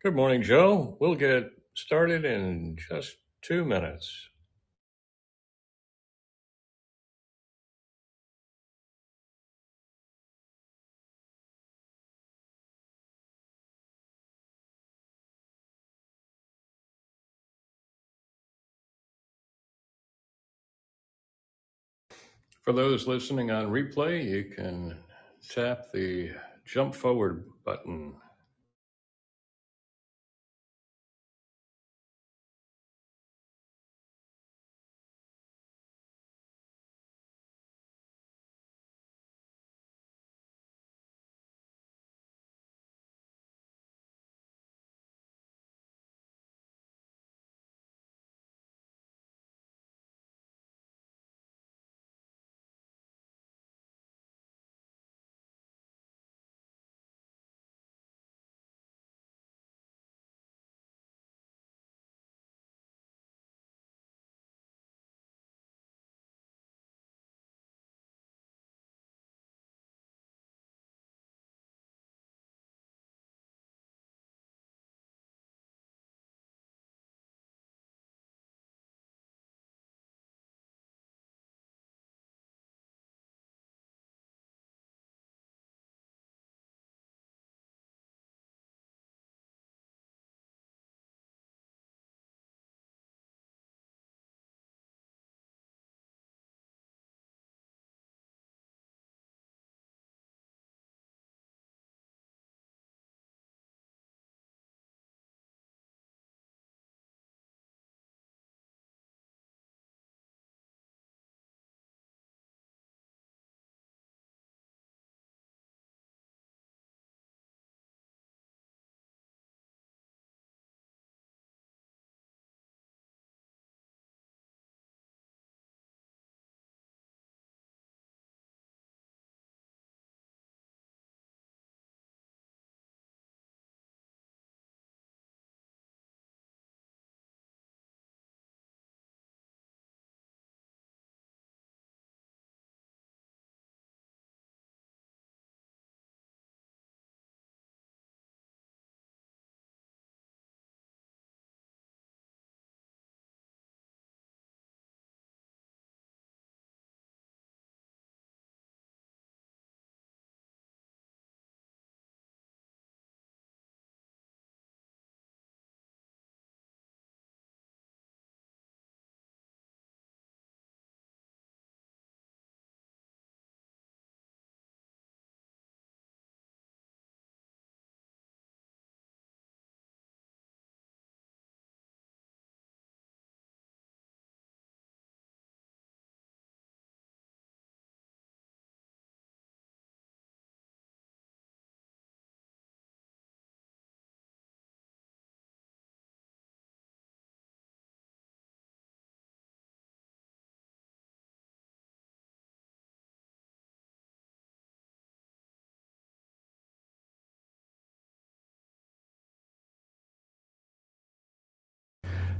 Good morning, Joe. We'll get started in just two minutes. For those listening on replay, you can tap the jump forward button.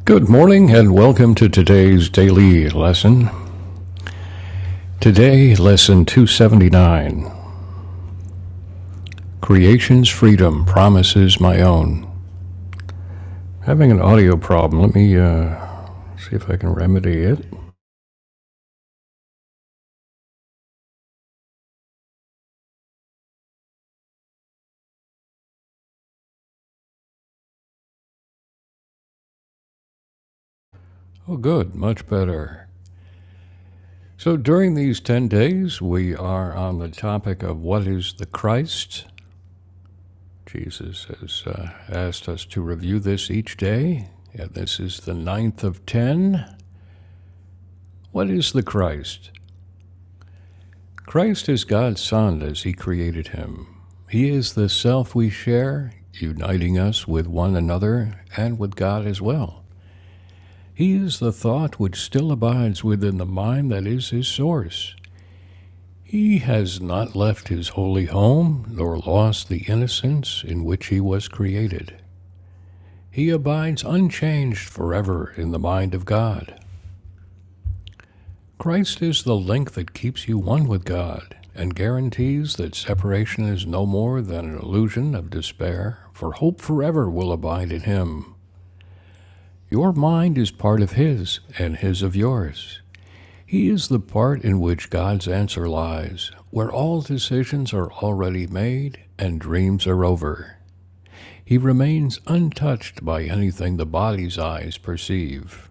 Good morning and welcome to today's daily lesson. Today, lesson 279 Creation's Freedom Promises My Own. Having an audio problem. Let me uh, see if I can remedy it. Oh, good, much better. So, during these 10 days, we are on the topic of what is the Christ Jesus has uh, asked us to review this each day, and this is the ninth of ten. What is the Christ? Christ is God's Son as He created Him. He is the self we share, uniting us with one another and with God as well. He is the thought which still abides within the mind that is His source. He has not left His holy home, nor lost the innocence in which He was created. He abides unchanged forever in the mind of God. Christ is the link that keeps you one with God and guarantees that separation is no more than an illusion of despair, for hope forever will abide in Him. Your mind is part of His, and His of yours. He is the part in which God's answer lies, where all decisions are already made and dreams are over. He remains untouched by anything the body's eyes perceive.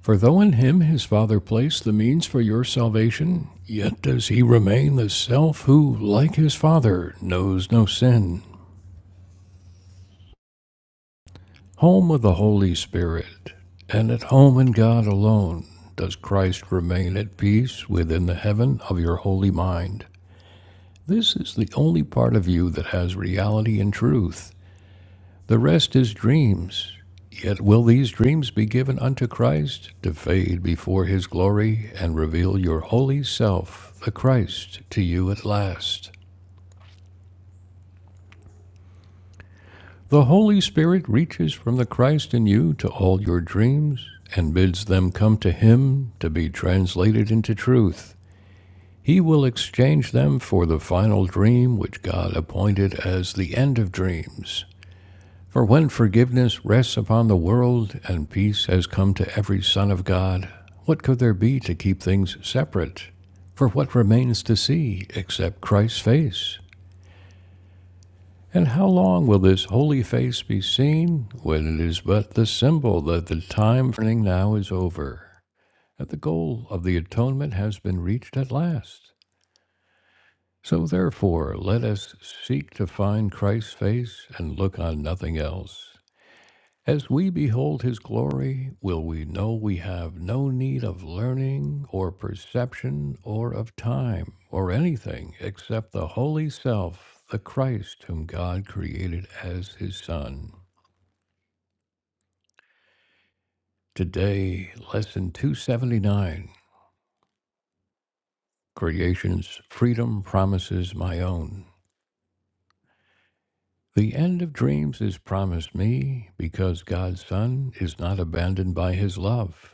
For though in him his Father placed the means for your salvation, yet does he remain the self who, like his Father, knows no sin. Home of the Holy Spirit, and at home in God alone, does Christ remain at peace within the heaven of your holy mind. This is the only part of you that has reality and truth, The rest is dreams. Yet will these dreams be given unto Christ to fade before his glory and reveal your holy self, the Christ, to you at last. The Holy Spirit reaches from the Christ in you to all your dreams and bids them come to him to be translated into truth. He will exchange them for the final dream which God appointed as the end of dreams For when forgiveness rests upon the world and peace has come to every son of God, what could there be to keep things separate? For what remains to see except Christ's face? And how long will this holy face be seen when it is but the symbol that the time for now is over, that the goal of the atonement has been reached at last? So therefore, let us seek to find Christ's face and look on nothing else. As we behold his glory, will we know we have no need of learning or perception or of time or anything except the Holy Self, the Christ whom God created as his Son. Today, Lesson 279 Creation's Freedom Promises My Own. The end of dreams is promised me because God's Son is not abandoned by his love.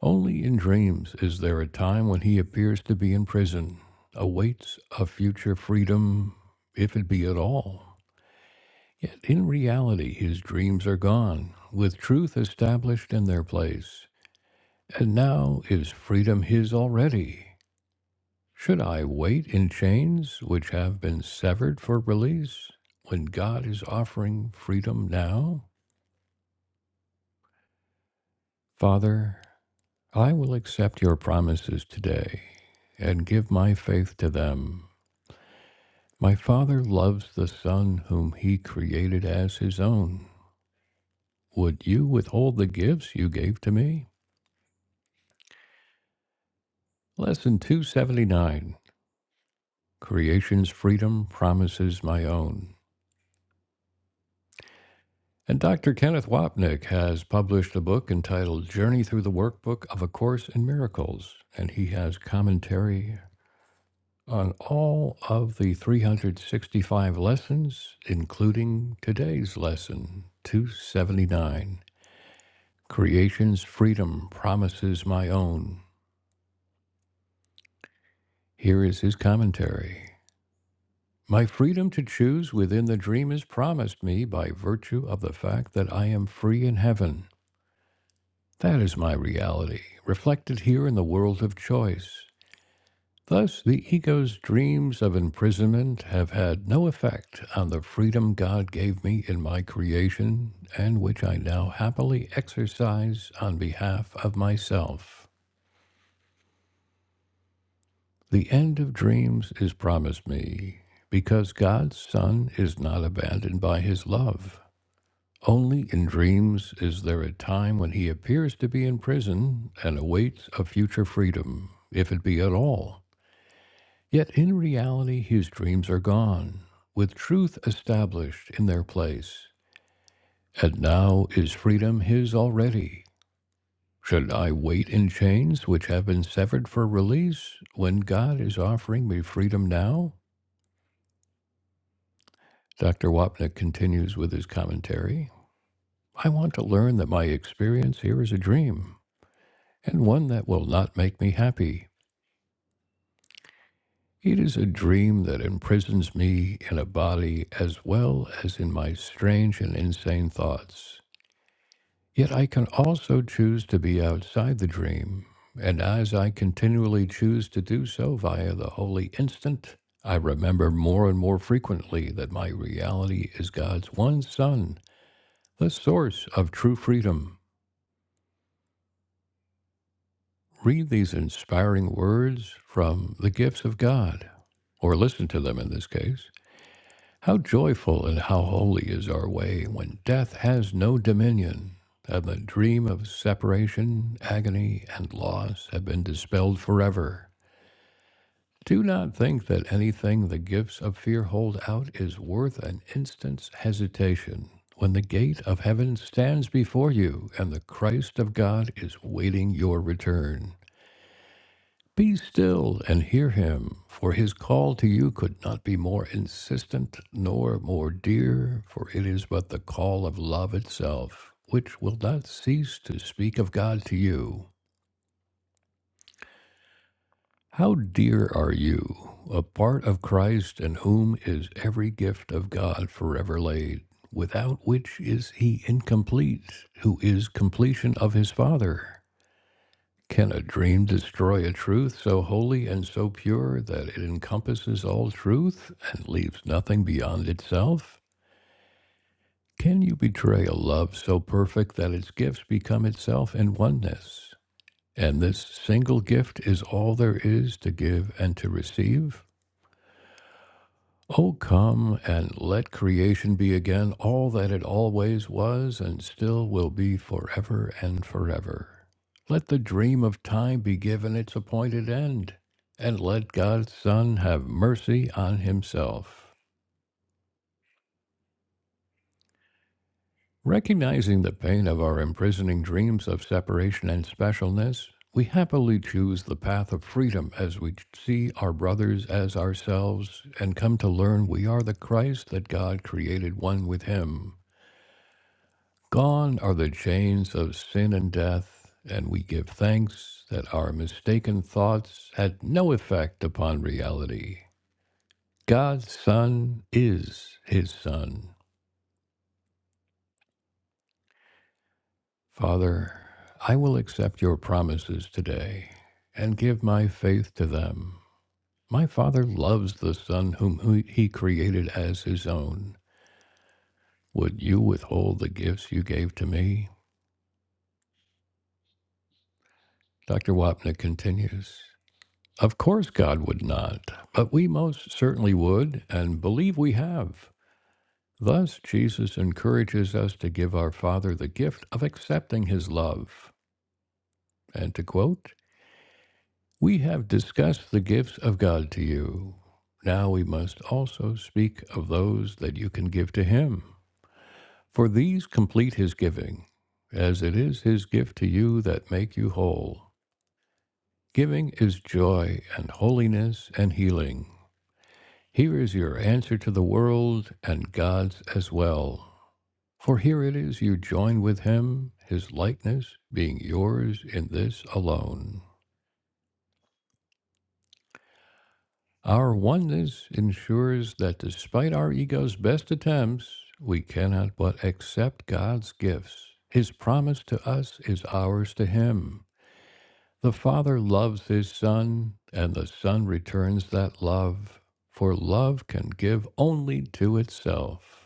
Only in dreams is there a time when he appears to be in prison, awaits a future freedom, if it be at all. Yet in reality, his dreams are gone, with truth established in their place. And now is freedom his already? Should I wait in chains which have been severed for release, when God is offering freedom now? Father, I will accept your promises today and give my faith to them My Father loves the Son whom he created as his own. Would you withhold the gifts you gave to me? Lesson 279 Creation's Freedom Promises My Own. And Dr. Kenneth Wapnick has published a book entitled Journey Through the Workbook of A Course in Miracles, and he has commentary on all of the 365 lessons, including today's lesson 279. Creation's freedom promises my own. Here is his commentary. My freedom to choose within the dream is promised me by virtue of the fact that I am free in heaven. That is my reality, reflected here in the world of choice. Thus, the ego's dreams of imprisonment have had no effect on the freedom God gave me in my creation, and which I now happily exercise on behalf of myself. The end of dreams is promised me, because God's Son is not abandoned by his love. Only in dreams is there a time when he appears to be in prison and awaits a future freedom, if it be at all. Yet in reality, his dreams are gone, with truth established in their place. And now is freedom his already. Should I wait in chains which have been severed for release, when God is offering me freedom now? Dr. Wapnick continues with his commentary I want to learn that my experience here is a dream, and one that will not make me happy. It is a dream that imprisons me in a body as well as in my strange and insane thoughts. Yet I can also choose to be outside the dream, and as I continually choose to do so via the holy instant, I remember more and more frequently that my reality is God's one Son the source of true freedom. Read these inspiring words from the gifts of God, or listen to them in this case. How joyful and how holy is our way when death has no dominion, and the dream of separation, agony, and loss have been dispelled forever. Do not think that anything the gifts of fear hold out is worth an instant's hesitation when the gate of heaven stands before you and the Christ of God is waiting your return. Be still and hear him, for his call to you could not be more insistent nor more dear, for it is but the call of love itself, which will not cease to speak of God to you. How dear are you, a part of Christ, in whom is every gift of God forever laid, without which is he incomplete, who is completion of his Father? Can a dream destroy a truth so holy and so pure that it encompasses all truth and leaves nothing beyond itself? Can you betray a love so perfect that its gifts become itself in oneness? And this single gift is all there is to give and to receive? Oh, come and let creation be again all that it always was and still will be forever and forever. Let the dream of time be given its appointed end, and let God's Son have mercy on himself. Recognizing the pain of our imprisoning dreams of separation and specialness, we happily choose the path of freedom as we see our brothers as ourselves and come to learn we are the Christ that God created one with Him. Gone are the chains of sin and death, and we give thanks that our mistaken thoughts had no effect upon reality. God's Son is His Son. Father, I will accept your promises today and give my faith to them. My Father loves the Son whom He he created as His own. Would you withhold the gifts you gave to me? Dr. Wapnick continues. Of course, God would not, but we most certainly would and believe we have. Thus, Jesus encourages us to give our Father the gift of accepting his love. And to quote, We have discussed the gifts of God to you. Now we must also speak of those that you can give to him, for these complete his giving, as it is his gift to you that make you whole. Giving is joy and holiness and healing. Here is your answer to the world and God's as well. For here it is you join with Him, His likeness being yours in this alone. Our oneness ensures that despite our ego's best attempts, we cannot but accept God's gifts. His promise to us is ours to Him. The Father loves His Son, and the Son returns that love, for love can give only to itself.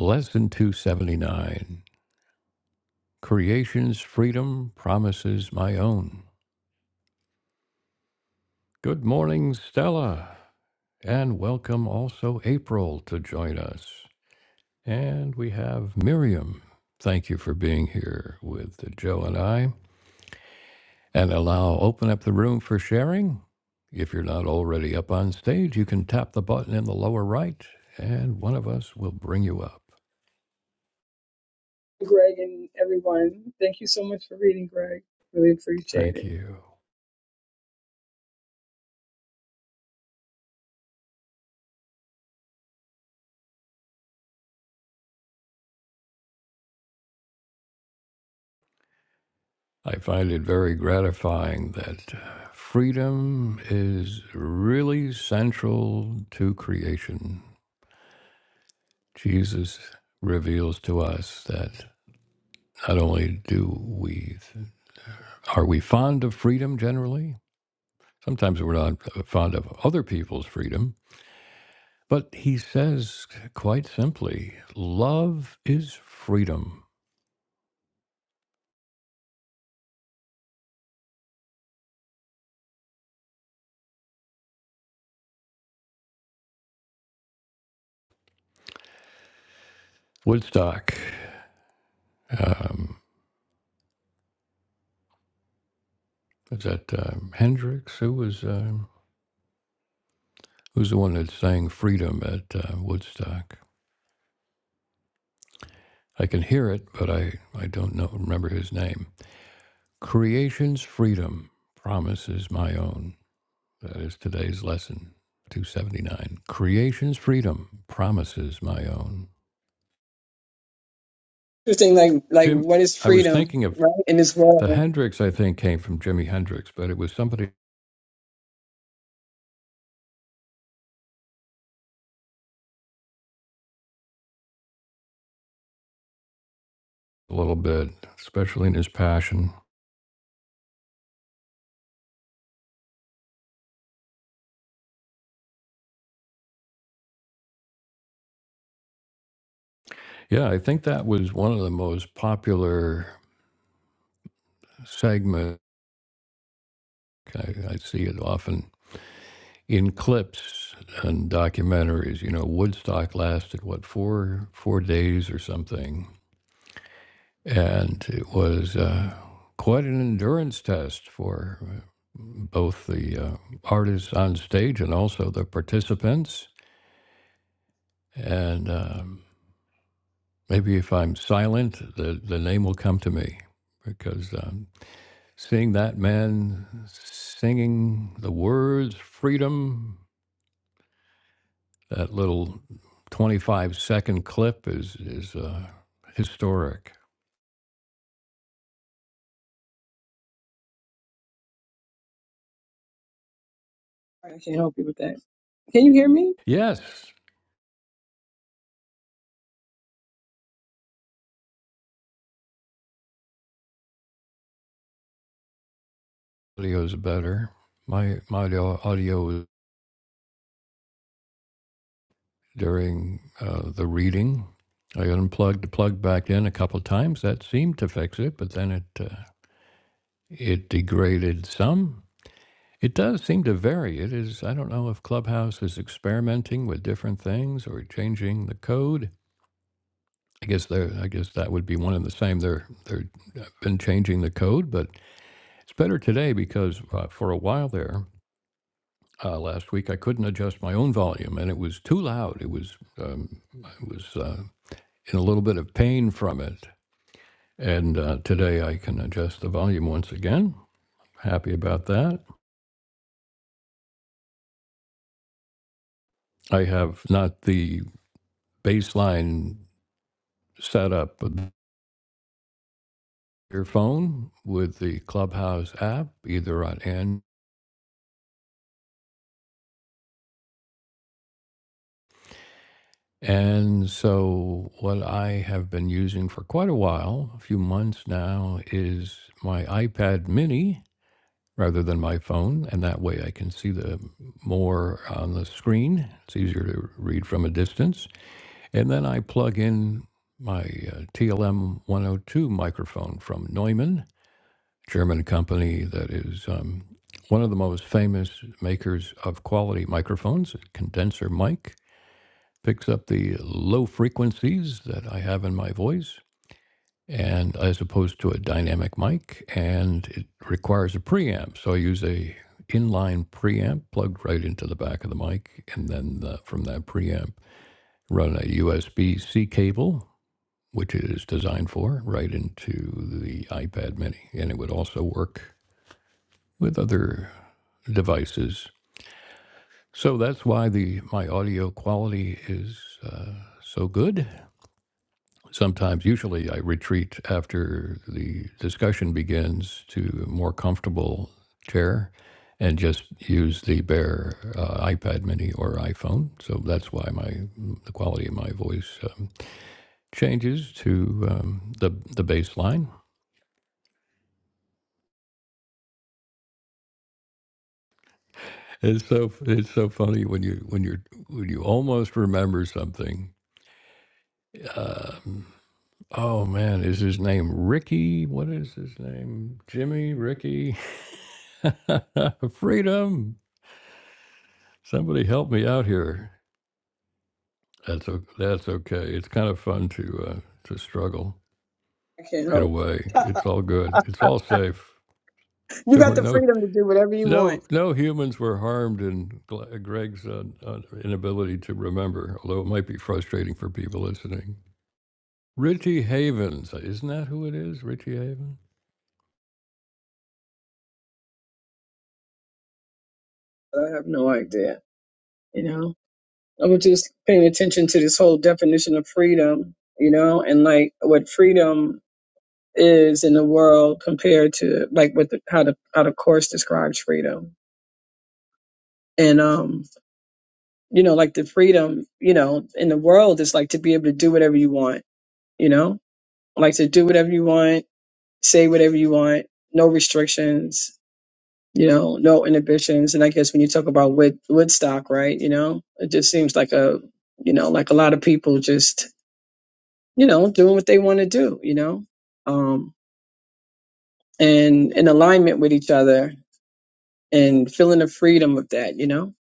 Lesson 279 Creation's Freedom Promises My Own. Good morning, Stella, and welcome also April to join us. And we have Miriam. Thank you for being here with Joe and I. And allow open up the room for sharing. If you're not already up on stage, you can tap the button in the lower right, and one of us will bring you up. Greg and everyone. Thank you so much for reading, Greg. Really appreciate Thank it. you. I find it very gratifying that uh, freedom is really central to creation. Jesus reveals to us that not only do we are we fond of freedom generally, sometimes we're not fond of other people's freedom, but he says quite simply, love is freedom. Woodstock, um, is that um, Hendrix? Who was? um Who's the one that sang Freedom at uh, Woodstock? I can hear it, but I, I don't know, remember his name. Creation's Freedom, Promise is My Own. That is today's lesson, 279. Creation's Freedom, Promise is My Own. Interesting, like like Jim, what is I was freedom, thinking of right? In this the world. Hendrix, I think, came from Jimi Hendrix, but it was somebody a little bit, especially in his passion. Yeah, I think that was one of the most popular segments. I, I see it often in clips and documentaries. You know, Woodstock lasted what four four days or something, and it was uh, quite an endurance test for uh, both the uh, artists on stage and also the participants. And um, maybe if I'm silent, the the name will come to me because. Um, Seeing that man singing the words freedom That little 25 second clip is is uh, historic. I can't help you with that. Can you hear me? Yes, audio is better. My my audio during uh, the reading. I unplugged the plug back in a couple of times. That seemed to fix it, but then it uh, it degraded some. It does seem to vary. It is. I don't know if Clubhouse is experimenting with different things or changing the code. I guess they are I guess that would be one and the same. They're they're uh, been changing the code, but It's better today because uh, for a while there uh, last week I couldn't adjust my own volume and it was too loud. It was um, I was uh, in a little bit of pain from it. And uh, today I can adjust the volume once again. Happy about that. I have not the baseline setup of the earphone with the Clubhouse app either on Android And so, what I have been using for quite a while, a few months now, is my iPad mini rather than my phone. And that way I can see the more on the screen. It's easier to read from a distance. And then I plug in my uh, TLM 102 microphone from Neumann, German company that is um, one of the most famous makers of quality microphones, a condenser mic picks up the low frequencies that I have in my voice, and as opposed to a dynamic mic, and it requires a preamp. So I use a inline preamp plugged right into the back of the mic, and then uh, from that preamp, run a USB C cable, which it is designed for, right into the iPad Mini, and it would also work with other devices. So that's why the my audio quality is uh, so good sometimes usually i retreat after the discussion begins to a more comfortable chair and just use the bare uh, ipad mini or iphone so that's why my the quality of my voice um, changes to um, the the baseline it's so it's so funny when you when you when you almost remember something um, oh man is his name ricky what is his name jimmy ricky freedom Somebody help me out here. That's o- that's okay. It's kind of fun to uh, to struggle I can't in a help. way. It's all good. It's all safe. you There got were the no freedom to do whatever you want. no no humans were harmed in Gle- Greg's uh, uh, inability to remember, although it might be frustrating for people listening. Richie Havens, isn't that who it is? Richie Havens. I have no idea. You know? I was just paying attention to this whole definition of freedom, you know, and like what freedom is in the world compared to like what the how the how the course describes freedom. And um you know, like the freedom, you know, in the world is like to be able to do whatever you want, you know, like to do whatever you want, say whatever you want, no restrictions, you know, no inhibitions. And I guess when you talk about Wood, Woodstock, right, you know, it just seems like a, you know, like a lot of people just, you know, doing what they want to do, you know, um, and in alignment with each other and feeling the freedom of that, you know.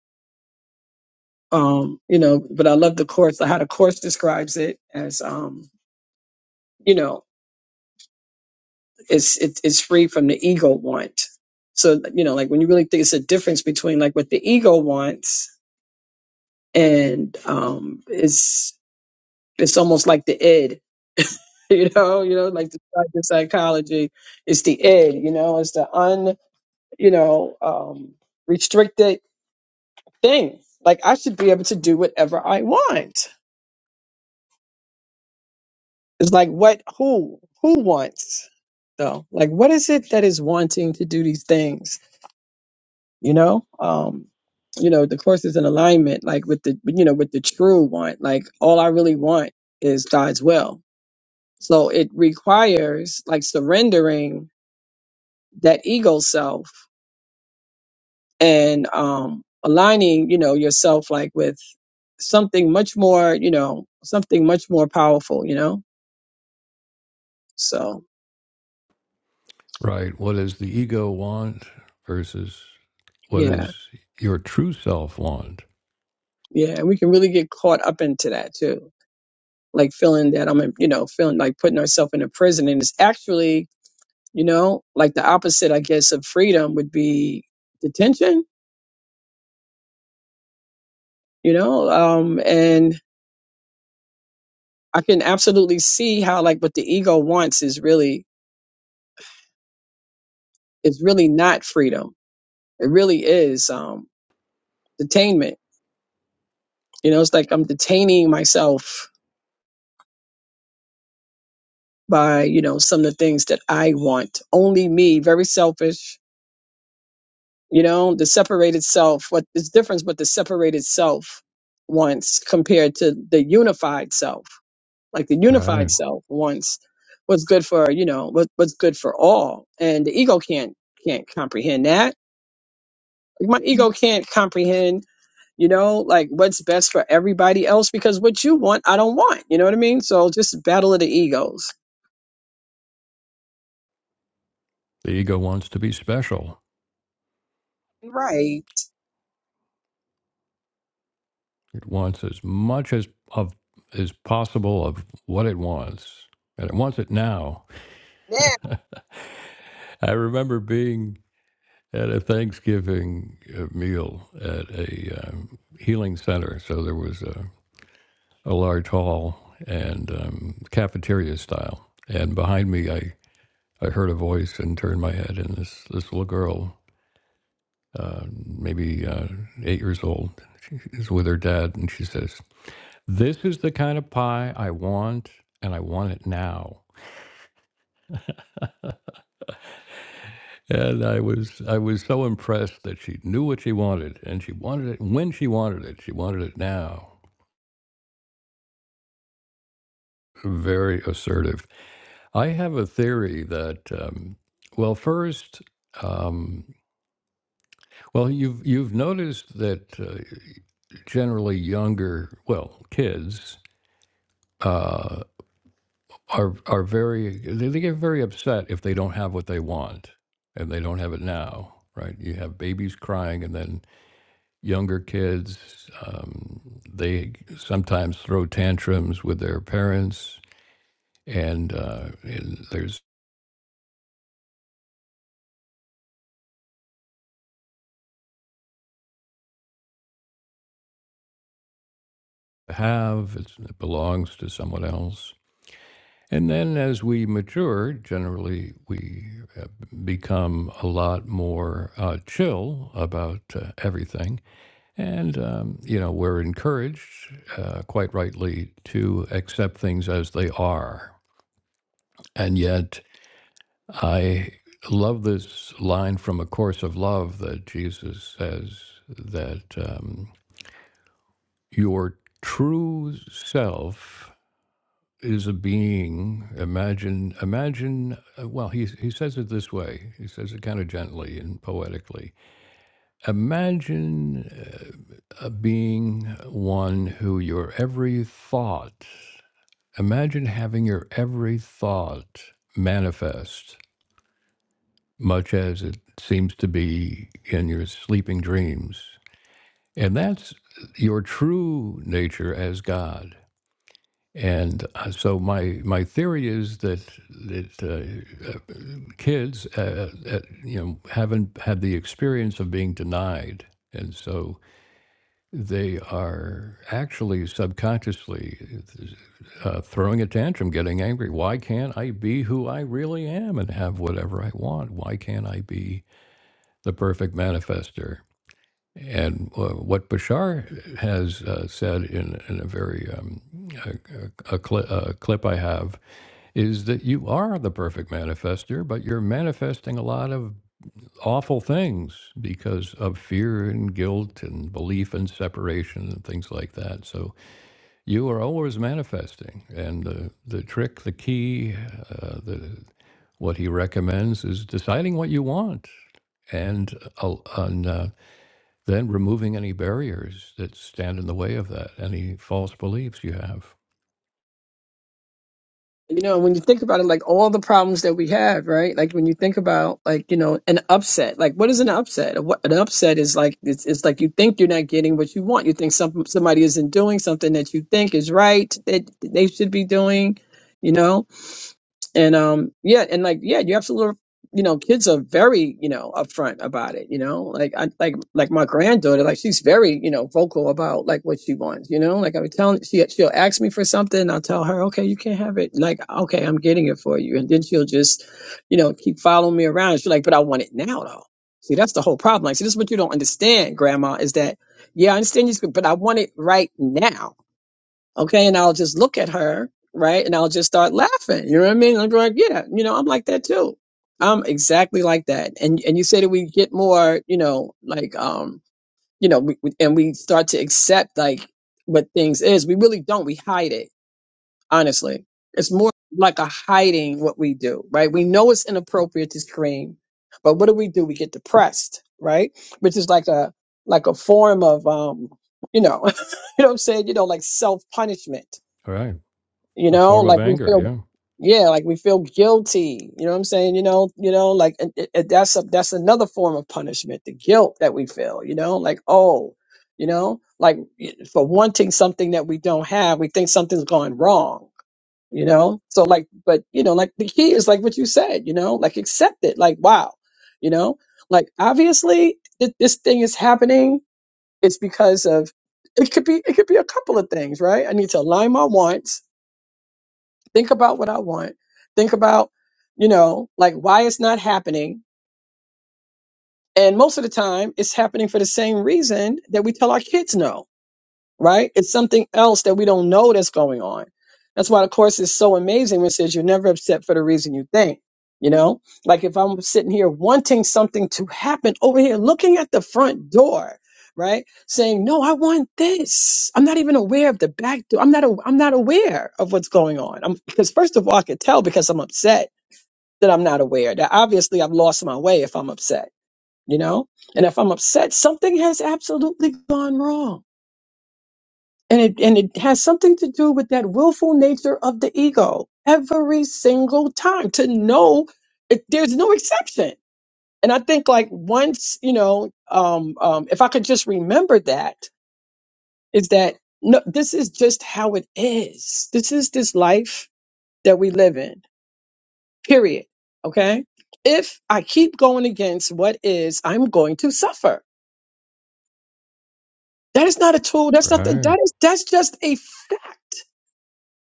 Um, you know, but I love the course, how the course describes it as um, you know, it's it, it's free from the ego want. So you know, like when you really think it's a difference between like what the ego wants and um, it's it's almost like the id, you know, you know, like the psych- psychology, it's the id, you know, it's the un, you know, um, restricted thing. Like I should be able to do whatever I want. It's like what who who wants though? Like what is it that is wanting to do these things? you know um you know the course is in alignment like with the you know with the true one like all i really want is god's will so it requires like surrendering that ego self and um aligning you know yourself like with something much more you know something much more powerful you know so Right. What does the ego want versus what yeah does your true self want? yeah and we can really get caught up into that too like feeling that i'm in, you know feeling like putting ourselves in a prison and it's actually you know like the opposite i guess of freedom would be detention you know um and i can absolutely see how like what the ego wants is really is really not freedom it really is um detainment you know it's like i'm detaining myself by you know some of the things that i want only me very selfish you know the separated self what is difference what the separated self wants compared to the unified self Like the unified Right. self wants what's good for you know what, what's good for all, and the ego can't can't comprehend that. Like my ego can't comprehend you know like what's best for everybody else because what you want I don't want. You know what I mean? So just battle of the egos. The ego wants to be special. Right It wants as much as of as possible of what it wants, and it wants it now. now. I remember being at a Thanksgiving uh, meal at a um, healing center, so there was a, a large hall and um, cafeteria style. And behind me, I, I heard a voice and turned my head, and this this little girl, maybe uh, eight years old, she is with her dad, and she says, "This is the kind of pie I want, and I want it now." And I was I was so impressed that she knew what she wanted and she wanted it when she wanted it. She wanted it now. Very assertive. I have a theory that um, well, first, um, well, you've you've noticed that uh, generally younger, well, kids uh, are are very they, they get very upset if they don't have what they want and they don't have it now, right? You have babies crying and then younger kids. Um, they sometimes throw tantrums with their parents, and, uh, and there's have, it's, it belongs to someone else. And then as we mature, generally we uh, become a lot more uh, chill about uh, everything. And, um, you know, we're encouraged, uh, quite rightly, to accept things as they are. And yet, I love this line from A Course of Love that Jesus says that um, your true self is a being. Imagine, imagine. uh, Well, he he says it this way. He says it kind of gently and poetically. Imagine uh, being one who your every thought. Imagine having your every thought manifest much as it seems to be in your sleeping dreams. And that's your true nature as God. And uh, so my, my theory is that that uh, uh, kids uh, uh, you know haven't had the experience of being denied, and so they are actually subconsciously uh, throwing a tantrum, getting angry. Why can't I be who I really am and have whatever I want? Why can't I be the perfect manifester. And uh, what Bashar has uh, said in, in a very um, a, a, cli- a clip I have is that you are the perfect manifester, but you're manifesting a lot of awful things because of fear and guilt and belief and separation and things like that. So you are always manifesting, and the the trick, the key, uh, the what he recommends is deciding what you want and uh, and uh, then removing any barriers that stand in the way of that, any false beliefs you have. You know, when you think about it, like all the problems that we have, right? Like when you think about like, you know, an upset, like what is an upset? A- What an upset is like, it's, it's like you think you're not getting what you want. You think some, somebody isn't doing something that you think is right, that they should be doing, you know? and um yeah and like yeah you absolutely you know kids are very you know upfront about it you know like I, like like my granddaughter like she's very you know vocal about like what she wants you know like i'm telling she she'll ask me for something i'll tell her okay you can't have it like okay i'm getting it for you and then she'll just you know keep following me around she's like but i want it now though see that's the whole problem like see this is what you don't understand grandma is that yeah i understand you but i want it right now Okay. And I'll just look at her, right? And I'll just start laughing. You know what I mean? I'm like, yeah, you know, I'm like that too. I'm exactly like that. And and you say that we get more, you know, like um, you know, we, we- and we start to accept like what things is. We really don't. We hide it, honestly. It's more like a hiding what we do, right? We know it's inappropriate to scream, but what do we do? We get depressed, right? Which is like a like a form of um, you know, you know what I'm saying? You know, like self punishment Right. you A know form of like we anger. feel Yeah. yeah like we feel guilty you know what i'm saying you know you know like it, it, it- that's a, that's another form of punishment the guilt that we feel you know like oh you know like y- for wanting something that we don't have we think something's gone wrong you know so like but you know like the key is like what you said you know like accept it like wow you know like obviously th- this thing is happening it's because of it could be it could be a couple of things right i need to align my wants think about what I want, think about, you know, like why it's not happening. And most of the time, it's happening for the same reason that we tell our kids no right? It's something else that we don't know that's going on. That's why the course is so amazing when it says you're never upset for the reason you think. You know, like if I'm sitting here wanting something to happen over here, looking at the front door, right? Saying, no, I want this. I'm not even aware of the back door. I'm not, a, I'm not aware of what's going on. I'm, because first of all, I could tell because I'm upset that I'm not aware that obviously I've lost my way if I'm upset, you know? And if I'm upset, something has absolutely gone wrong and it, and it has something to do with that willful nature of the ego every single time to know it, there's no exception. And I think like once, you know, um, um, if I could just remember that is that no, this is just how it is. This is this life that we live in, period. Okay. If I keep going against what is, I'm going to suffer. That is not a tool. That's not, the, Right. that is, that's just a fact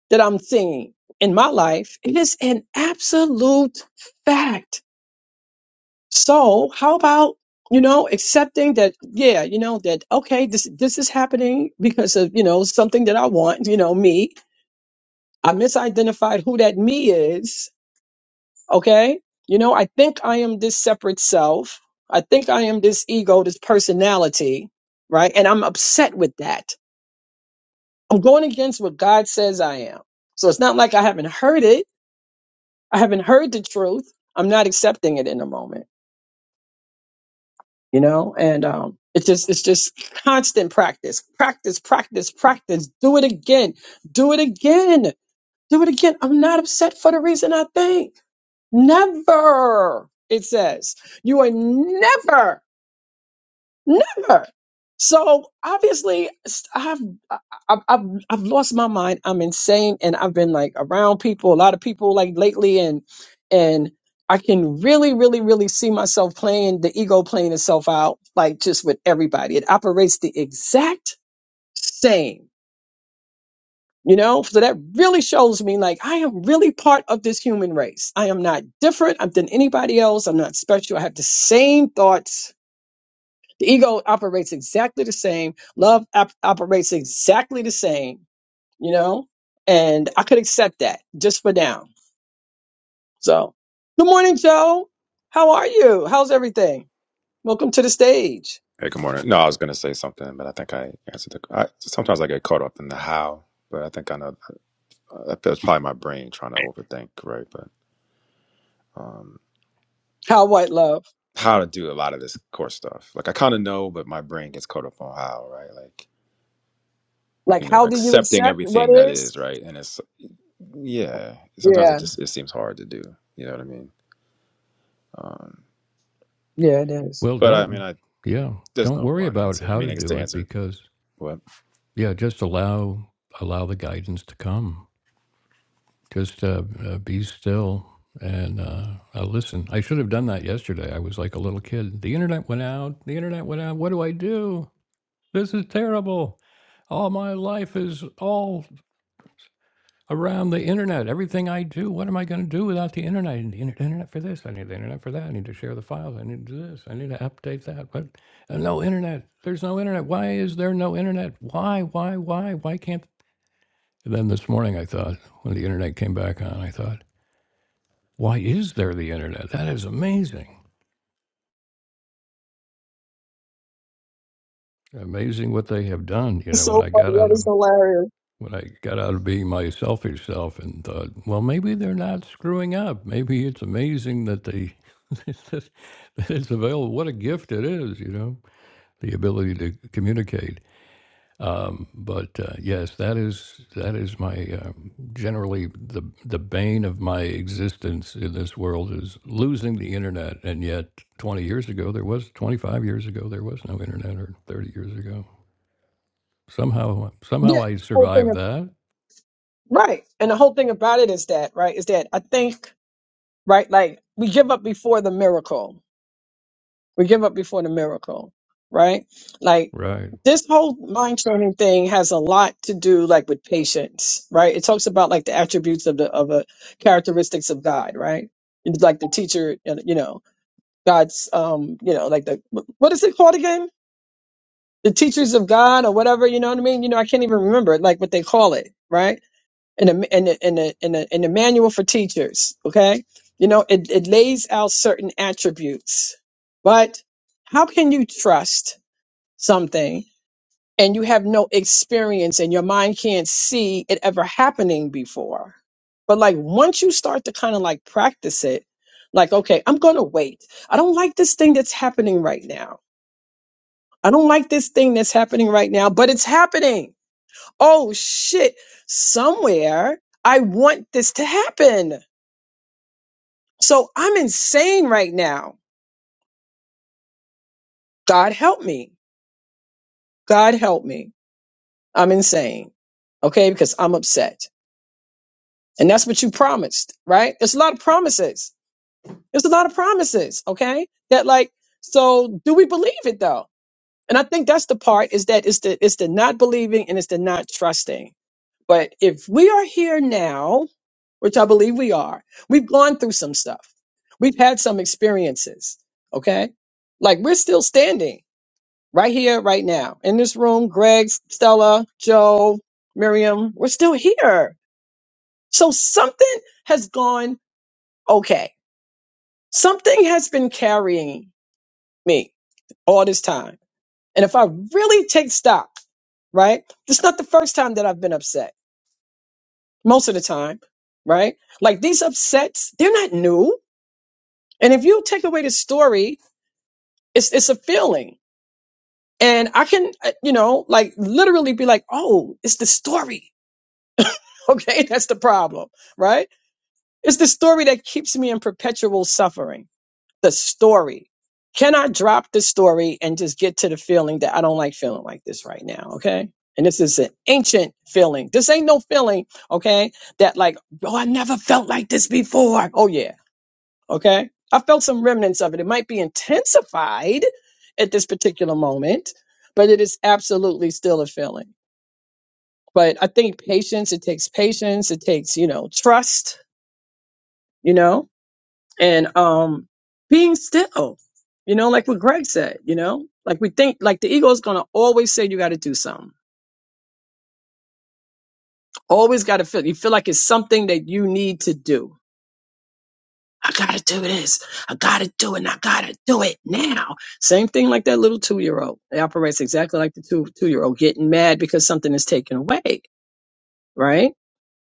that I'm seeing in my life. It is an absolute fact. So how about, you know, accepting that, yeah, you know, that, okay, this, this is happening because of, you know, something that I want, you know, me. I misidentified who that me is. Okay. You know, I think I am this separate self. I think I am this ego, this personality. Right. And I'm upset with that. I'm going against what God says I am. So it's not like I haven't heard it I haven't heard the truth. I'm not accepting it in the moment, you know? And um it's just it's just constant practice. Practice, practice, practice. Do it again. Do it again. Do it again. I'm not upset for the reason I think. Never. It says, you are never Never. So obviously, s- I've I've I've I've lost my mind. I'm insane, and I've been like around people, a lot of people, like lately, and and I can really, really, really see myself playing the ego playing itself out, like just with everybody. It operates the exact same, you know. So that really shows me, like, I am really part of this human race. I am not different I'm than anybody else. I'm not special. I have the same thoughts the ego operates exactly the same. Love op- operates exactly the same, you know? And I could accept that just for now. So, good morning, Joe. How are you? How's everything? Welcome to the stage. Hey, good morning. No, I was going to say something, but I think I answered the. I, sometimes I get caught up in the how, but I think I know uh, that's probably my brain trying to overthink, right? But um, How what love? how to do a lot of this core stuff. Like I kind of know, but my brain gets caught up on how, right? Like Like, you know, how do you accepting accept what everything that is? is, right? And it's yeah. Sometimes Yeah, it just it seems hard to do. You know what I mean? Um, yeah, it is. Well, but I mean, don't, I yeah, there's don't no worry one about answer. I how mean, to I guess do the it answer. because, What? yeah, just allow, allow the guidance to come. Just uh, uh, be still and uh, uh, listen. I should have done that yesterday. I was like a little kid. The internet went out. The internet went out. What do I do? This is terrible. All my life is all around the internet. Everything I do, what am I going to do without the internet? I need the inter- internet for this. I need the internet for that. I need to share the files. I need to do this. I need to update that. But uh, no internet. There's no internet. Why is there no internet? Why, why, why, why can't? And then this morning I thought, when the internet came back on, I thought, why is there the internet? That is amazing. Amazing what they have done. You It's know, when so I funny. got That out is of hilarious. when I got out of being my selfish self and thought, well, maybe they're not screwing up. Maybe it's amazing that they that it's available. What a gift it is, you know, the ability to communicate. Um, but uh, yes, that is that is my um, generally the the bane of my existence in this world is losing the internet. And yet, 20 years ago there was 25 years ago there was no internet, or 30 years ago somehow Yeah, somehow I the whole thing. survived Of, that. right. And the whole thing about it is that, right, is that I think, right, like we give up before the miracle We give up before the miracle, right? Like Right. this whole mind training thing has a lot to do like with patience, right? It talks about like the attributes of the of a characteristics of God, right? It's like the teacher, and, you know, God's um, you know, like the what is it called again? The teachers of God or whatever, you know what I mean? You know, I can't even remember it, like what they call it, right? in a in a, in a, in a, in a manual for teachers. Okay, you know it, it lays out certain attributes, but how can you trust something and you have no experience and your mind can't see it ever happening before? But like once you start to kind of like practice it, like okay, I'm gonna wait. I don't like this thing that's happening right now. I don't like this thing that's happening right now, but it's happening oh shit, somewhere I want this to happen. So I'm insane right now. God help me. God help me. I'm insane. Okay. Because I'm upset. And that's what you promised, right? There's a lot of promises. There's a lot of promises. Okay. That like, so do we believe it though? And I think that's the part is that it's the, it's the not believing and it's the not trusting But if we are here now, which I believe we are, we've gone through some stuff. We've had some experiences. Okay. Like we're still standing right here, right now in this room. Greg, Stella, Joe, Miriam, we're still here. So something has gone okay. Something has been carrying me all this time. And if I really take stock, right, it's not the first time that I've been upset. most of the time, right? Like these upsets, they're not new. And if you take away the story, it's it's a feeling. And I can, uh, you know, like literally be like, oh, it's the story. Okay, that's the problem, right? It's the story that keeps me in perpetual suffering. The story. Can I drop the story and just get to the feeling that I don't like feeling like this right now? Okay. And this is an ancient feeling. This ain't no feeling, okay? That like, oh, I never felt like this before. Oh, yeah Okay. I felt some remnants of it. It might be intensified at this particular moment, but it is absolutely still a feeling. But I think patience, it takes patience, it takes, you know, trust, you know, and um being still, you know, like what Greg said, you know, like we think like the ego is gonna always say you gotta do something. Always gotta feel you feel like it's something that you need to do I gotta do this. I gotta do it. And I gotta do it now. Same thing like that little two year old. It operates exactly like the two two year old getting mad because something is taken away, right?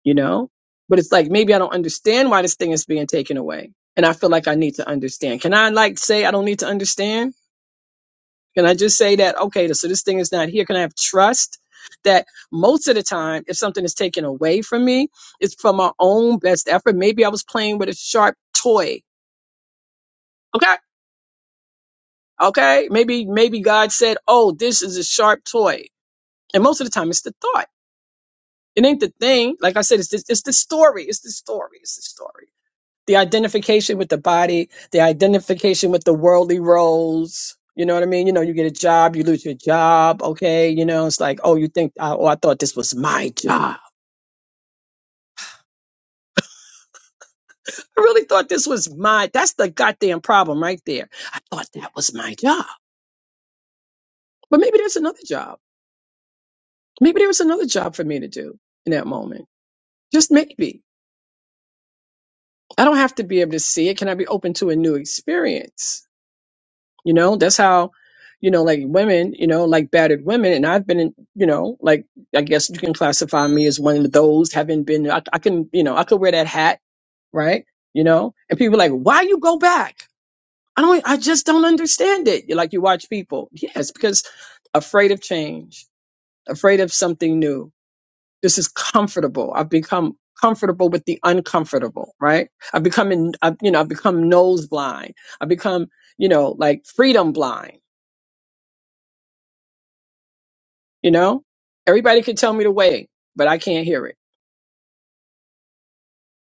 You know, but it's like maybe I don't understand why this thing is being taken away, and I feel like I need to understand. Can I like say I don't need to understand? Can I just say that okay, so this thing is not here? Can I have trust? That most of the time, if something is taken away from me, it's from my own best effort. Maybe I was playing with a sharp toy. Okay Okay. Maybe, maybe God said, Oh, this is a sharp toy. And most of the time it's the thought. It ain't the thing. Like I said, it's this, it's the story. It's the story. It's the story. The identification with the body, the identification with the worldly roles. You know what I mean? You know, you get a job, you lose your job. Okay. You know, it's like, oh, you think, oh, I thought this was my job. I really thought this was my, that's the goddamn problem right there. I thought that was my job, but maybe there's another job. Maybe there was another job for me to do in that moment Just maybe. I don't have to be able to see it. Can I be open to a new experience? You know, that's how, you know, like women, you know, like battered women. And I've been in, you know, like, I guess you can classify me as one of those, having been, I, I can, you know, I could wear that hat, right? You know, and people are like, why you go back? I don't, I just don't understand it. Like you watch people. Yes, because afraid of change, afraid of something new This is comfortable. I've become comfortable with the uncomfortable, right? I've become, in, I've, you know, I've become nose blind. I've become, you know, like freedom blind, you know? Everybody can tell me the way, but I can't hear it.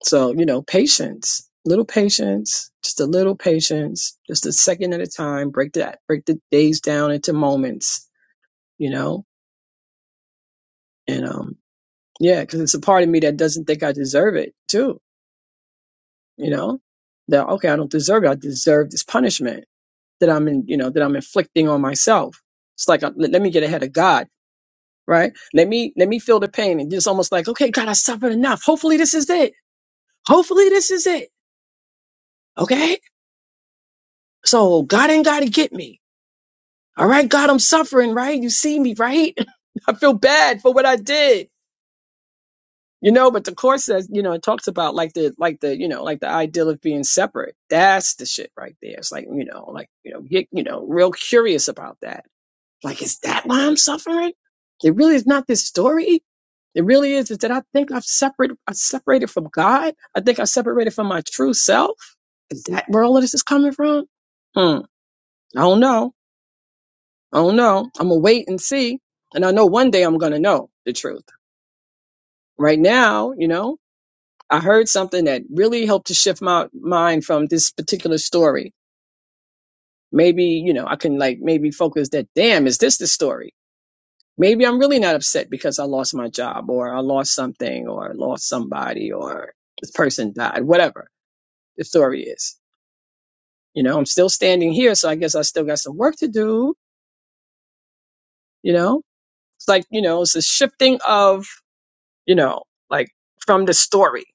So, you know, patience, little patience, just a little patience, just a second at a time, break that, break the days down into moments, you know? And, um, yeah, because it's a part of me that doesn't think I deserve it too, you know? that okay, I don't deserve it. I deserve this punishment. that I'm in, you know, that I'm inflicting on myself. It's like, uh, let let me get ahead of God, right? Let me, let me feel the pain. And it's almost like, okay, God, I suffered enough. Hopefully this is it. Hopefully this is it. Okay. So God ain't got to get me. All right. God, I'm suffering, right? You see me, right? I feel bad for what I did, you know, but the course says, you know, it talks about like the, like the, you know, like the ideal of being separate. That's the shit right there. It's like, you know, like, you know, get, you know, real curious about that Like, is that why I'm suffering? It really is not this story. It really is, is that I think I've separated, I separated from God. I think I separated from my true self. Is that where all of this is coming from? Hmm. I don't know. I don't know. I'm gonna wait and see. And I know one day I'm gonna know the truth. Right now, you know, I heard something that really helped to shift my mind from this particular story. Maybe, you know, I can like maybe focus that damn, is this the story? Maybe I'm really not upset because I lost my job or I lost something or lost somebody or this person died, whatever the story is. You know, I'm still standing here, so I guess I still got some work to do, you know? It's like, you know, it's the shifting of, you know, like from the story.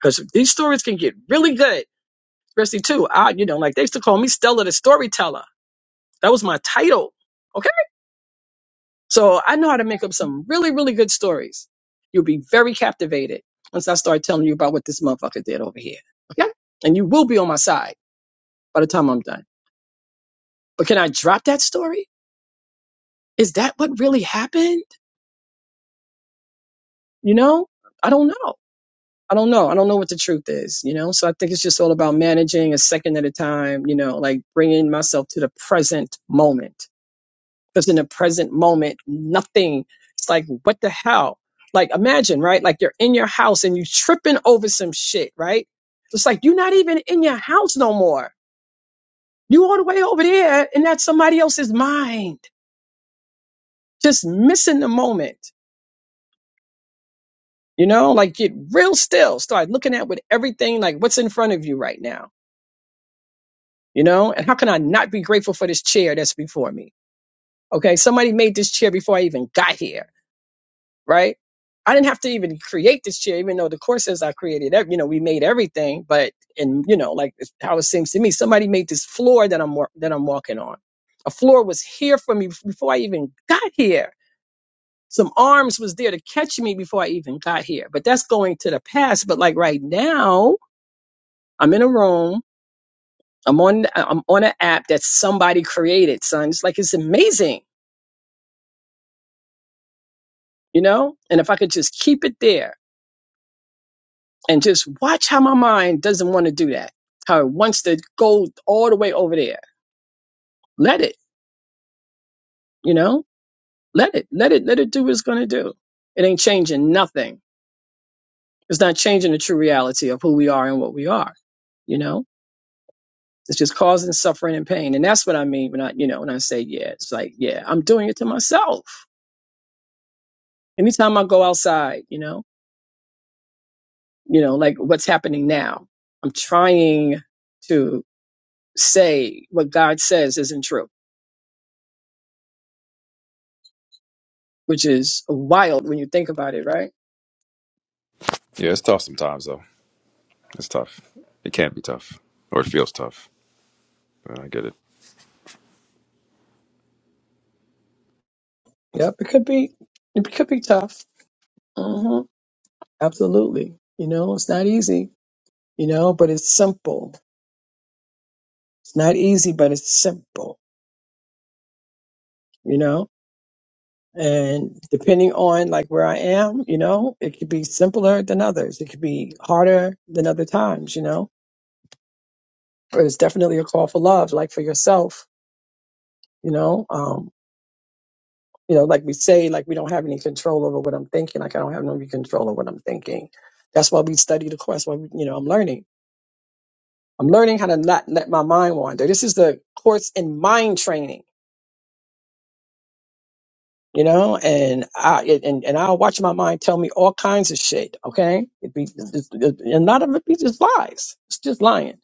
Because these stories can get really good, especially too. I, you know, like they used to call me Stella the storyteller. That was my title. So I know how to make up some really, really good stories. You'll be very captivated once I start telling you about what this motherfucker did over here. Okay? And you will be on my side by the time I'm done. But can I drop that story? Is that what really happened? You know? I don't know. I don't know. I don't know what the truth is, you know? So I think it's just all about managing a second at a time, you know, like bringing myself to the present moment Because in the present moment, nothing. It's like, what the hell? Like, imagine, right? Like you're in your house and you tripping over some shit, right? It's like you're not even in your house no more. You all the way over there, and that's somebody else's mind. Just missing the moment. You know, like get real still. Start looking at with everything, like what's in front of you right now. You know, and how can I not be grateful for this chair that's before me? Okay, somebody made this chair before I even got here right? I didn't have to even create this chair, even though the course says I created, ev- you know, we made everything, but, and you know, like it's how it seems to me, somebody made this floor that I'm, wa- that I'm walking on. A floor was here for me before I even got here. Some arms was there to catch me before I even got here, but that's going to the past. But like right now, I'm in a room. I'm on, I'm on an app that somebody created, son. It's like, it's amazing, you know? And if I could just keep it there and just watch how my mind doesn't want to do that. How it wants to go all the way over there. Let it, you know, let it, let it, let it do what it's going to do. It ain't changing nothing. It's not changing the true reality of who we are and what we are, you know? It's just causing suffering and pain. And that's what I mean when I, you know, when I say, yeah, it's like, yeah, I'm doing it to myself. Anytime I go outside, you know, you know, like what's happening now, I'm trying to say what God says isn't true which is wild when you think about it, right? Yeah, it's tough sometimes, though. It's tough. It can be tough, or it feels tough. But I get it. Yep, it could be, it could be tough. hmm Absolutely. You know, it's not easy, you know, but it's simple. It's not easy, but it's simple, you know? And depending on like where I am, you know, it could be simpler than others. It could be harder than other times, you know, but it's definitely a call for love, like for yourself, you know, um, you know, like we say, like we don't have any control over what I'm thinking. Like I don't have no control over what I'm thinking. That's why we study the course. Why we, you know, I'm learning. I'm learning how to not let my mind wander. This is the course in mind training, you know, and I it- and and I'll watch my mind tell me all kinds of shit. Okay, it be it's- it's- and a lot of it be just lies. It's just lying.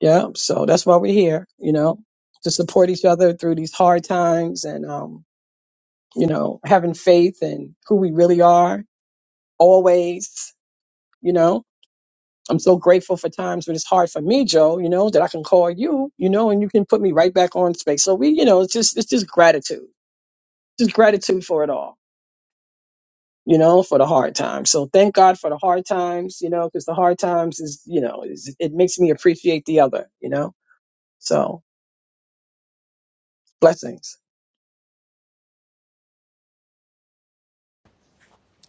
Yeah. So that's why we're here, you know, to support each other through these hard times and um, you know, having faith in who we really are always you know i'm so grateful for times when it's hard for me joe you know that i can call you you know and you can put me right back on space so we you know it's just it's just gratitude just gratitude for it all you know for the hard times so thank god for the hard times you know because the hard times is you know is, it makes me appreciate the other you know so blessings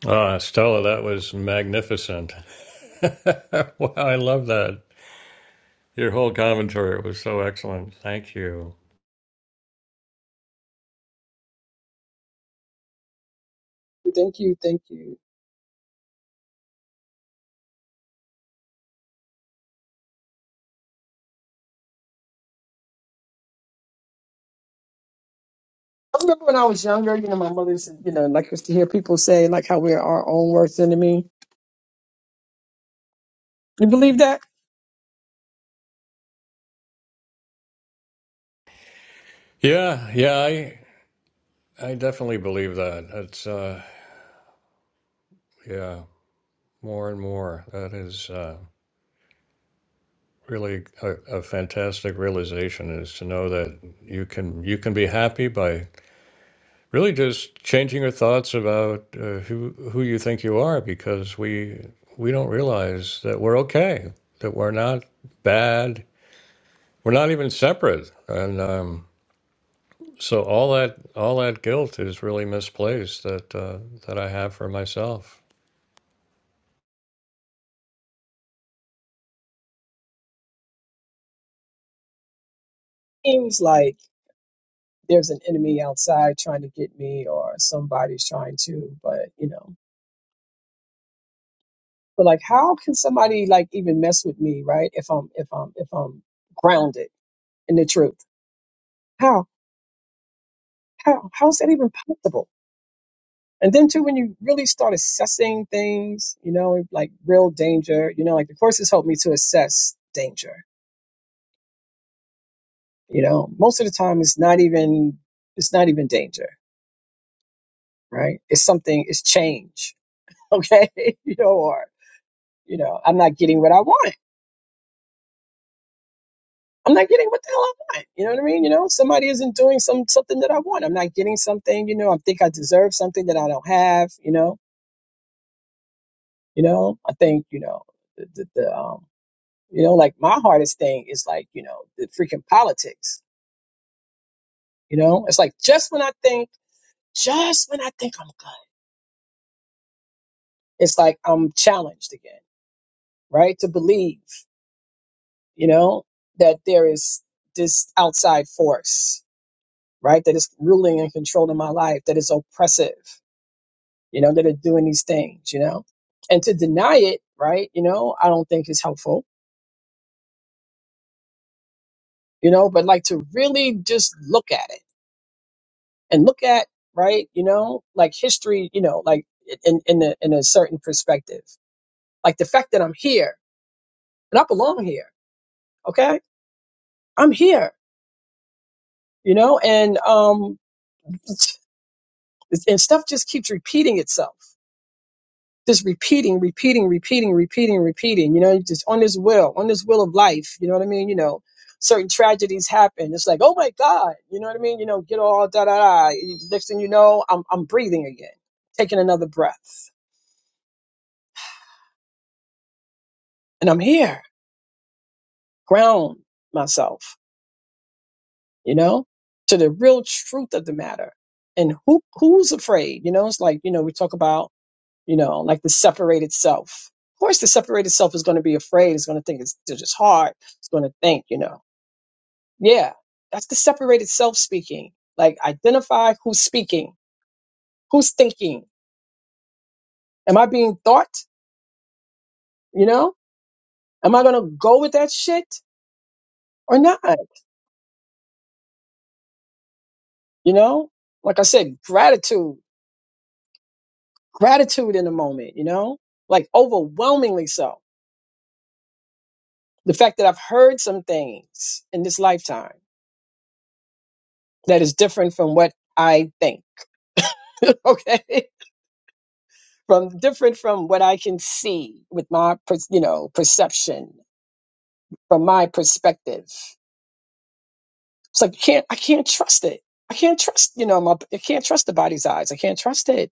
Ah, Stella, that was magnificent. wow, I love that. Your whole commentary was so excellent. Thank you. thank you thank you i remember when i was younger you know my mother said you know like used to hear people say like how we're our own worst enemy you believe that Yeah, yeah, I I definitely believe that. It's uh yeah, more and more. That is uh really a, a fantastic realization is to know that you can you can be happy by really just changing your thoughts about uh, who who you think you are because we we don't realize that we're okay, that we're not bad, We're not even separate, and um, so all that all that guilt is really misplaced that uh, that I have for myself. Seems like there's an enemy outside trying to get me or somebody's trying to but you know but like how can somebody like even mess with me right if i'm if i'm if i'm grounded in the truth how how how's that even possible and then too when you really start assessing things you know like real danger you know like the courses help me to assess danger you know most of the time it's not even it's not even danger right it's something it's change okay you know or you know i'm not getting what i want I'm not getting what the hell I want. You know what I mean? You know, somebody isn't doing some something that I want. I'm not getting something. You know, I think I deserve something that I don't have. You know, you know, I think you know the, the, the um you know like my hardest thing is like you know the freaking politics. You know, it's like just when I think, just when I think I'm good, it's like I'm challenged again, right? To believe, you know, that there is this outside force, right, that is ruling and controlling my life, that is oppressive you know, that are doing these things, you know. And to deny it, right, you know, I don't think is helpful, you know, but like to really just look at it and look at, right, you know, like history, you know, like in, in, a, in a certain perspective, like the fact that I'm here and I belong here, okay? I'm here, you know, and, um, and stuff just keeps repeating itself Just repeating, repeating, repeating, repeating, repeating, you know, just on this will, on this will of life, you know what I mean? You know, certain tragedies happen. It's like, oh my God, you know what I mean? You know, get all da da da. Next thing you know, I'm I'm breathing again, taking another breath. And I'm here, ground myself, you know, to the real truth of the matter. And who who's afraid? You know, it's like, you know, we talk about, you know, like the separated self. Of course, the separated self is going to be afraid. It's going to think it's, it's just hard. It's going to think, you know. Yeah, that's the separated self speaking. Like identify who's speaking, who's thinking. Am I being thought? You know, am I going to go with that shit or not? You know, like I said, gratitude, gratitude in the moment, you know, like overwhelmingly so. The fact that I've heard some things in this lifetime that is different from what I think, okay? From different from what I can see with my, per- you know, perception, from my perspective It's like, I can't, I can't trust it. I can't trust, you know, my, I can't trust the body's eyes. I can't trust it.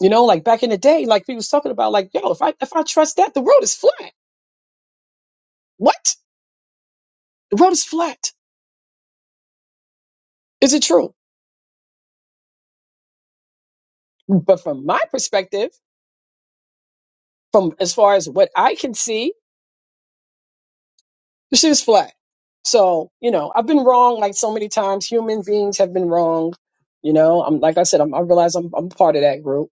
You know, like back in the day, like people was talking about, like, yo, if I, if I trust that, the world is flat. What? The world is flat. Is it true? But from my perspective, from as far as what I can see, the shit is flat. So, you know, I've been wrong like so many times. Human beings have been wrong. You know, I'm like I said, I'm, I realize I'm, I'm part of that group,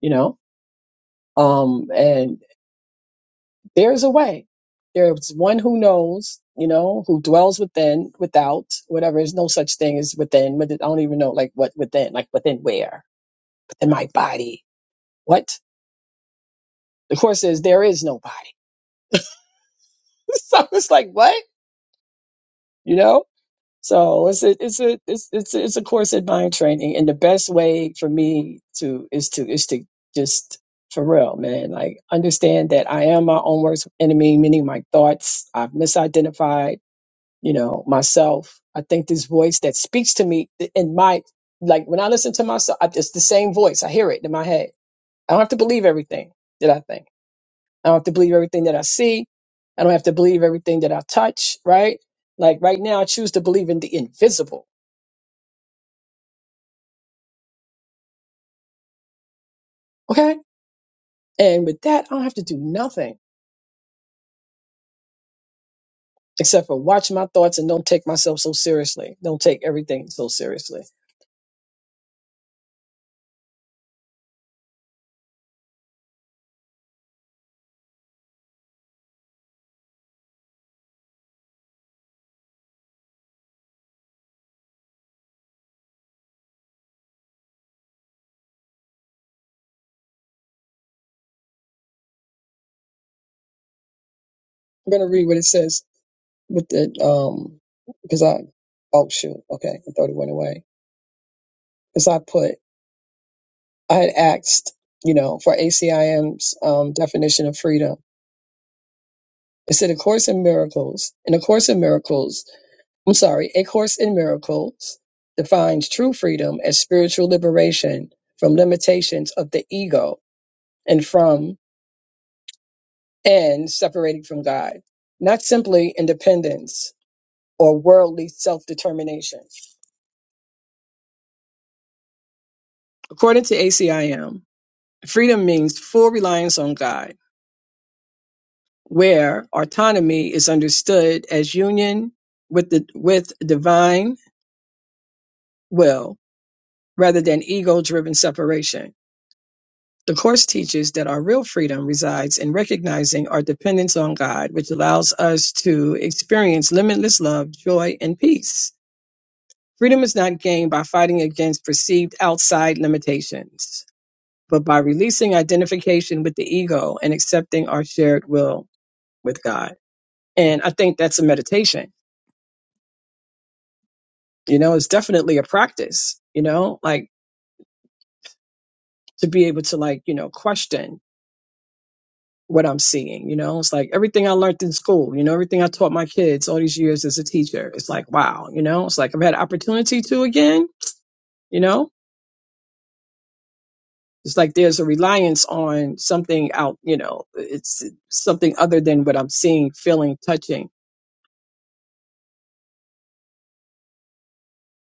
you know, um, and There's a way. There's one who knows, you know, who dwells within, without, whatever. There's no such thing as within. But I don't even know, like, what within, like, within where? Within my body. What? The Course says there is no body. so it's like, what? You know? So it's a, it's a, it's, it's, a- it's a course in mind training. And the best way for me to, is to, is to just for real, man. Like understand that I am my own worst enemy, meaning my thoughts. I've misidentified. you know myself i think this voice that speaks to me in my like when i listen to myself I, it's the same voice i hear it in my head i don't have to believe everything that i think i don't have to believe everything that i see i don't have to believe everything that i touch right like right now i choose to believe in the invisible okay and with that i don't have to do nothing except for watch my thoughts and don't take myself so seriously don't take everything so seriously i'm going to read what it says with the um because i oh shoot okay i thought it went away because I put, I had asked, you know, for ACIM's um, definition of freedom. It said, A Course in Miracles. In A Course in Miracles, I'm sorry, A Course in Miracles defines true freedom as spiritual liberation from limitations of the ego and from and separating from God, not simply independence or worldly self determination. According to ACIM, freedom means full reliance on God where autonomy is understood as union with the with divine will rather than ego-driven separation. The course teaches that our real freedom resides in recognizing our dependence on God, which allows us to experience limitless love, joy, and peace. Freedom is not gained by fighting against perceived outside limitations, but by releasing identification with the ego and accepting our shared will with God. And I think that's a meditation you know it's definitely a practice you know like to be able to like you know question what i'm seeing you know it's like everything i learned in school you know everything i taught my kids all these years as a teacher it's like wow you know it's like i've had opportunity to again you know it's like there's a reliance on something out you know it's something other than what i'm seeing feeling touching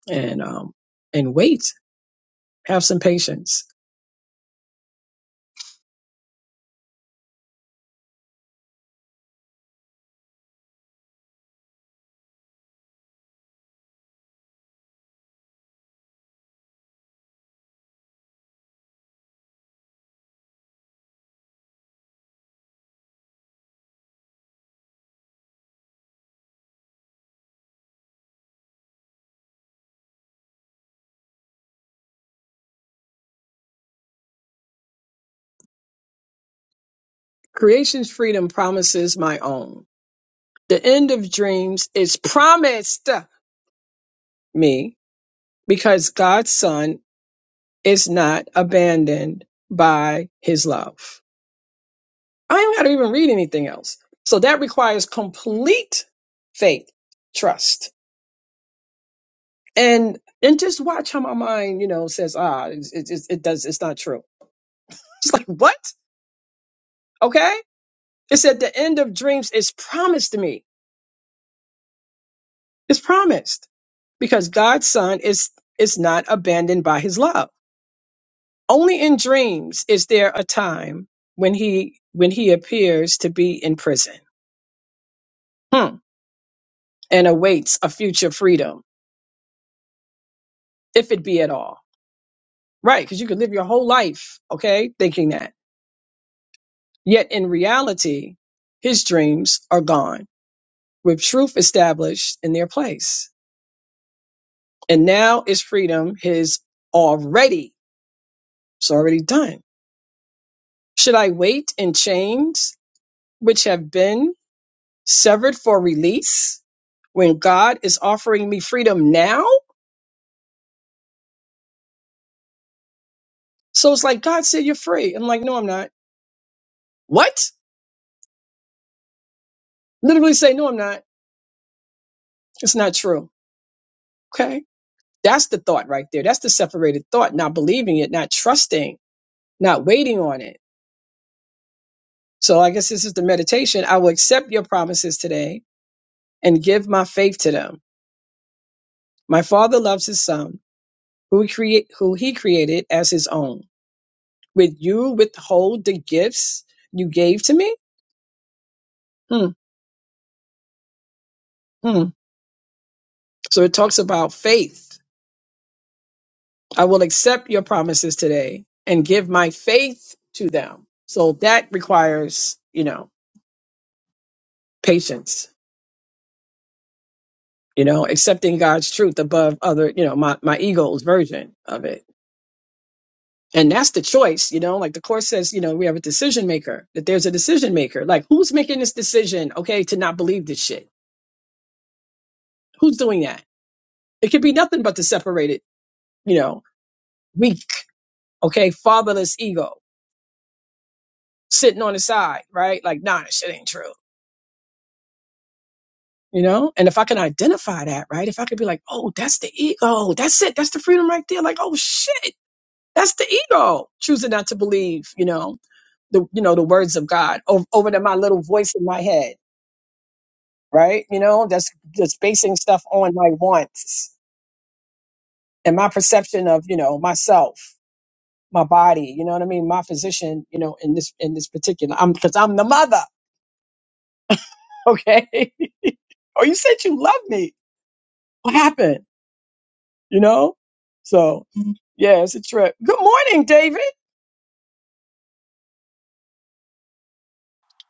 and um and wait have some patience creation's freedom promises my own the end of dreams is promised me because God's son is not abandoned by his love. I don't got to even read anything else. So that requires complete faith, trust, and and just watch how my mind, you know, says, ah, it, it, it does, it's not true. It's like what? Okay, it's at the end of dreams. It's promised to me. It's promised because God's son is is not abandoned by his love. Only in dreams is there a time when he when he appears to be in prison hmm, and awaits a future freedom, if it be at all. Right, because you could live your whole life, okay, thinking that. Yet in reality, his dreams are gone, with truth established in their place. And now is freedom his already. It's already done. Should I wait in chains which have been? severed for release when God is offering me freedom now. So it's like, God said you're free. I'm like, no, I'm not. What? Literally say, no, I'm not. It's not true. Okay. That's the thought right there. That's the separated thought, not believing it, not trusting, not waiting on it. So I guess this is the meditation. I will accept your promises today and give my faith to them. My father loves his son who he create, who he created as his own. Would you withhold the gifts you gave to me? Hmm. hmm. So it talks about faith. I will accept your promises today and give my faith to them. So that requires, you know, patience, you know, accepting God's truth above other, you know, my, my ego's version of it. And that's the choice, you know, like the course says, you know, we have a decision maker, that there's a decision maker. Like who's making this decision, okay, to not believe this shit? Who's doing that? It could be nothing but the separated, you know, weak, okay, fatherless ego sitting on the side, right? Like, nah, this shit ain't true. you know and if i can identify that right if i could be like oh that's the ego that's it that's the freedom right there like oh shit that's the ego choosing not to believe you know the you know the words of god over, over to my little voice in my head right you know that's just basing stuff on my wants and my perception of you know myself my body you know what i mean my physician you know in this in this particular i'm because i'm the mother okay oh you said you love me what happened you know? So, yeah, it's a trip. Good morning, David.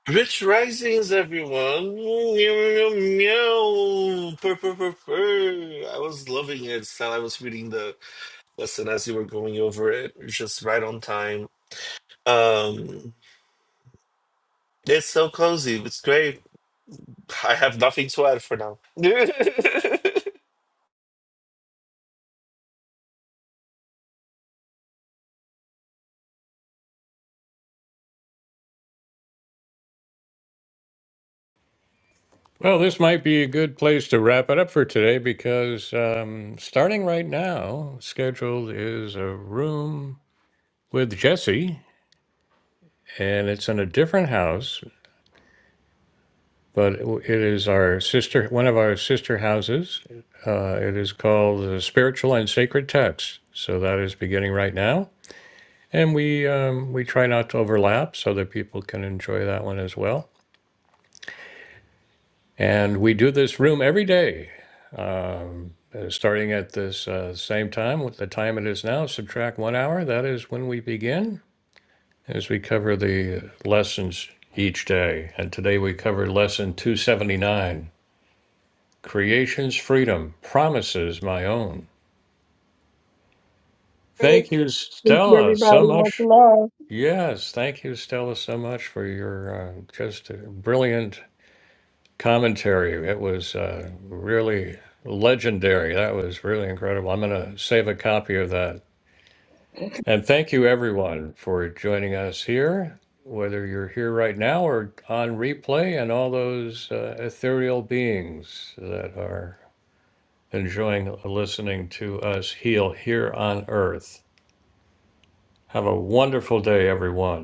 Rich Risings, everyone. Meow, meow, meow. Purr, purr, purr, purr. I was loving it while I was reading the lesson as you were going over it. You're just right on time. Um, it's so cozy. It's great. I have nothing to add for now. Well, this might be a good place to wrap it up for today because um, starting right now, scheduled is a room with Jesse, and it's in a different house, but it it is our sister, one of our sister houses. Uh, it is called the Spiritual and Sacred Text. So that is beginning right now. And we um, we try not to overlap so that people can enjoy that one as well. And we do this room every day, uh, starting at this uh, same time with the time it is now. Subtract one hour. That is when we begin, as we cover the lessons each day. And today we covered lesson 279: Creation's freedom, promises my own. Thank you, Thank you, Stella, so everybody. Much much. love. Yes, thank you, Stella, so much for your uh, just brilliant commentary. It was uh, really legendary. That was really incredible. I'm going to save a copy of that. And thank you, everyone, for joining us here, whether you're here right now or on replay, and all those uh, ethereal beings that are enjoying listening to us heal here on earth. Have a wonderful day, everyone.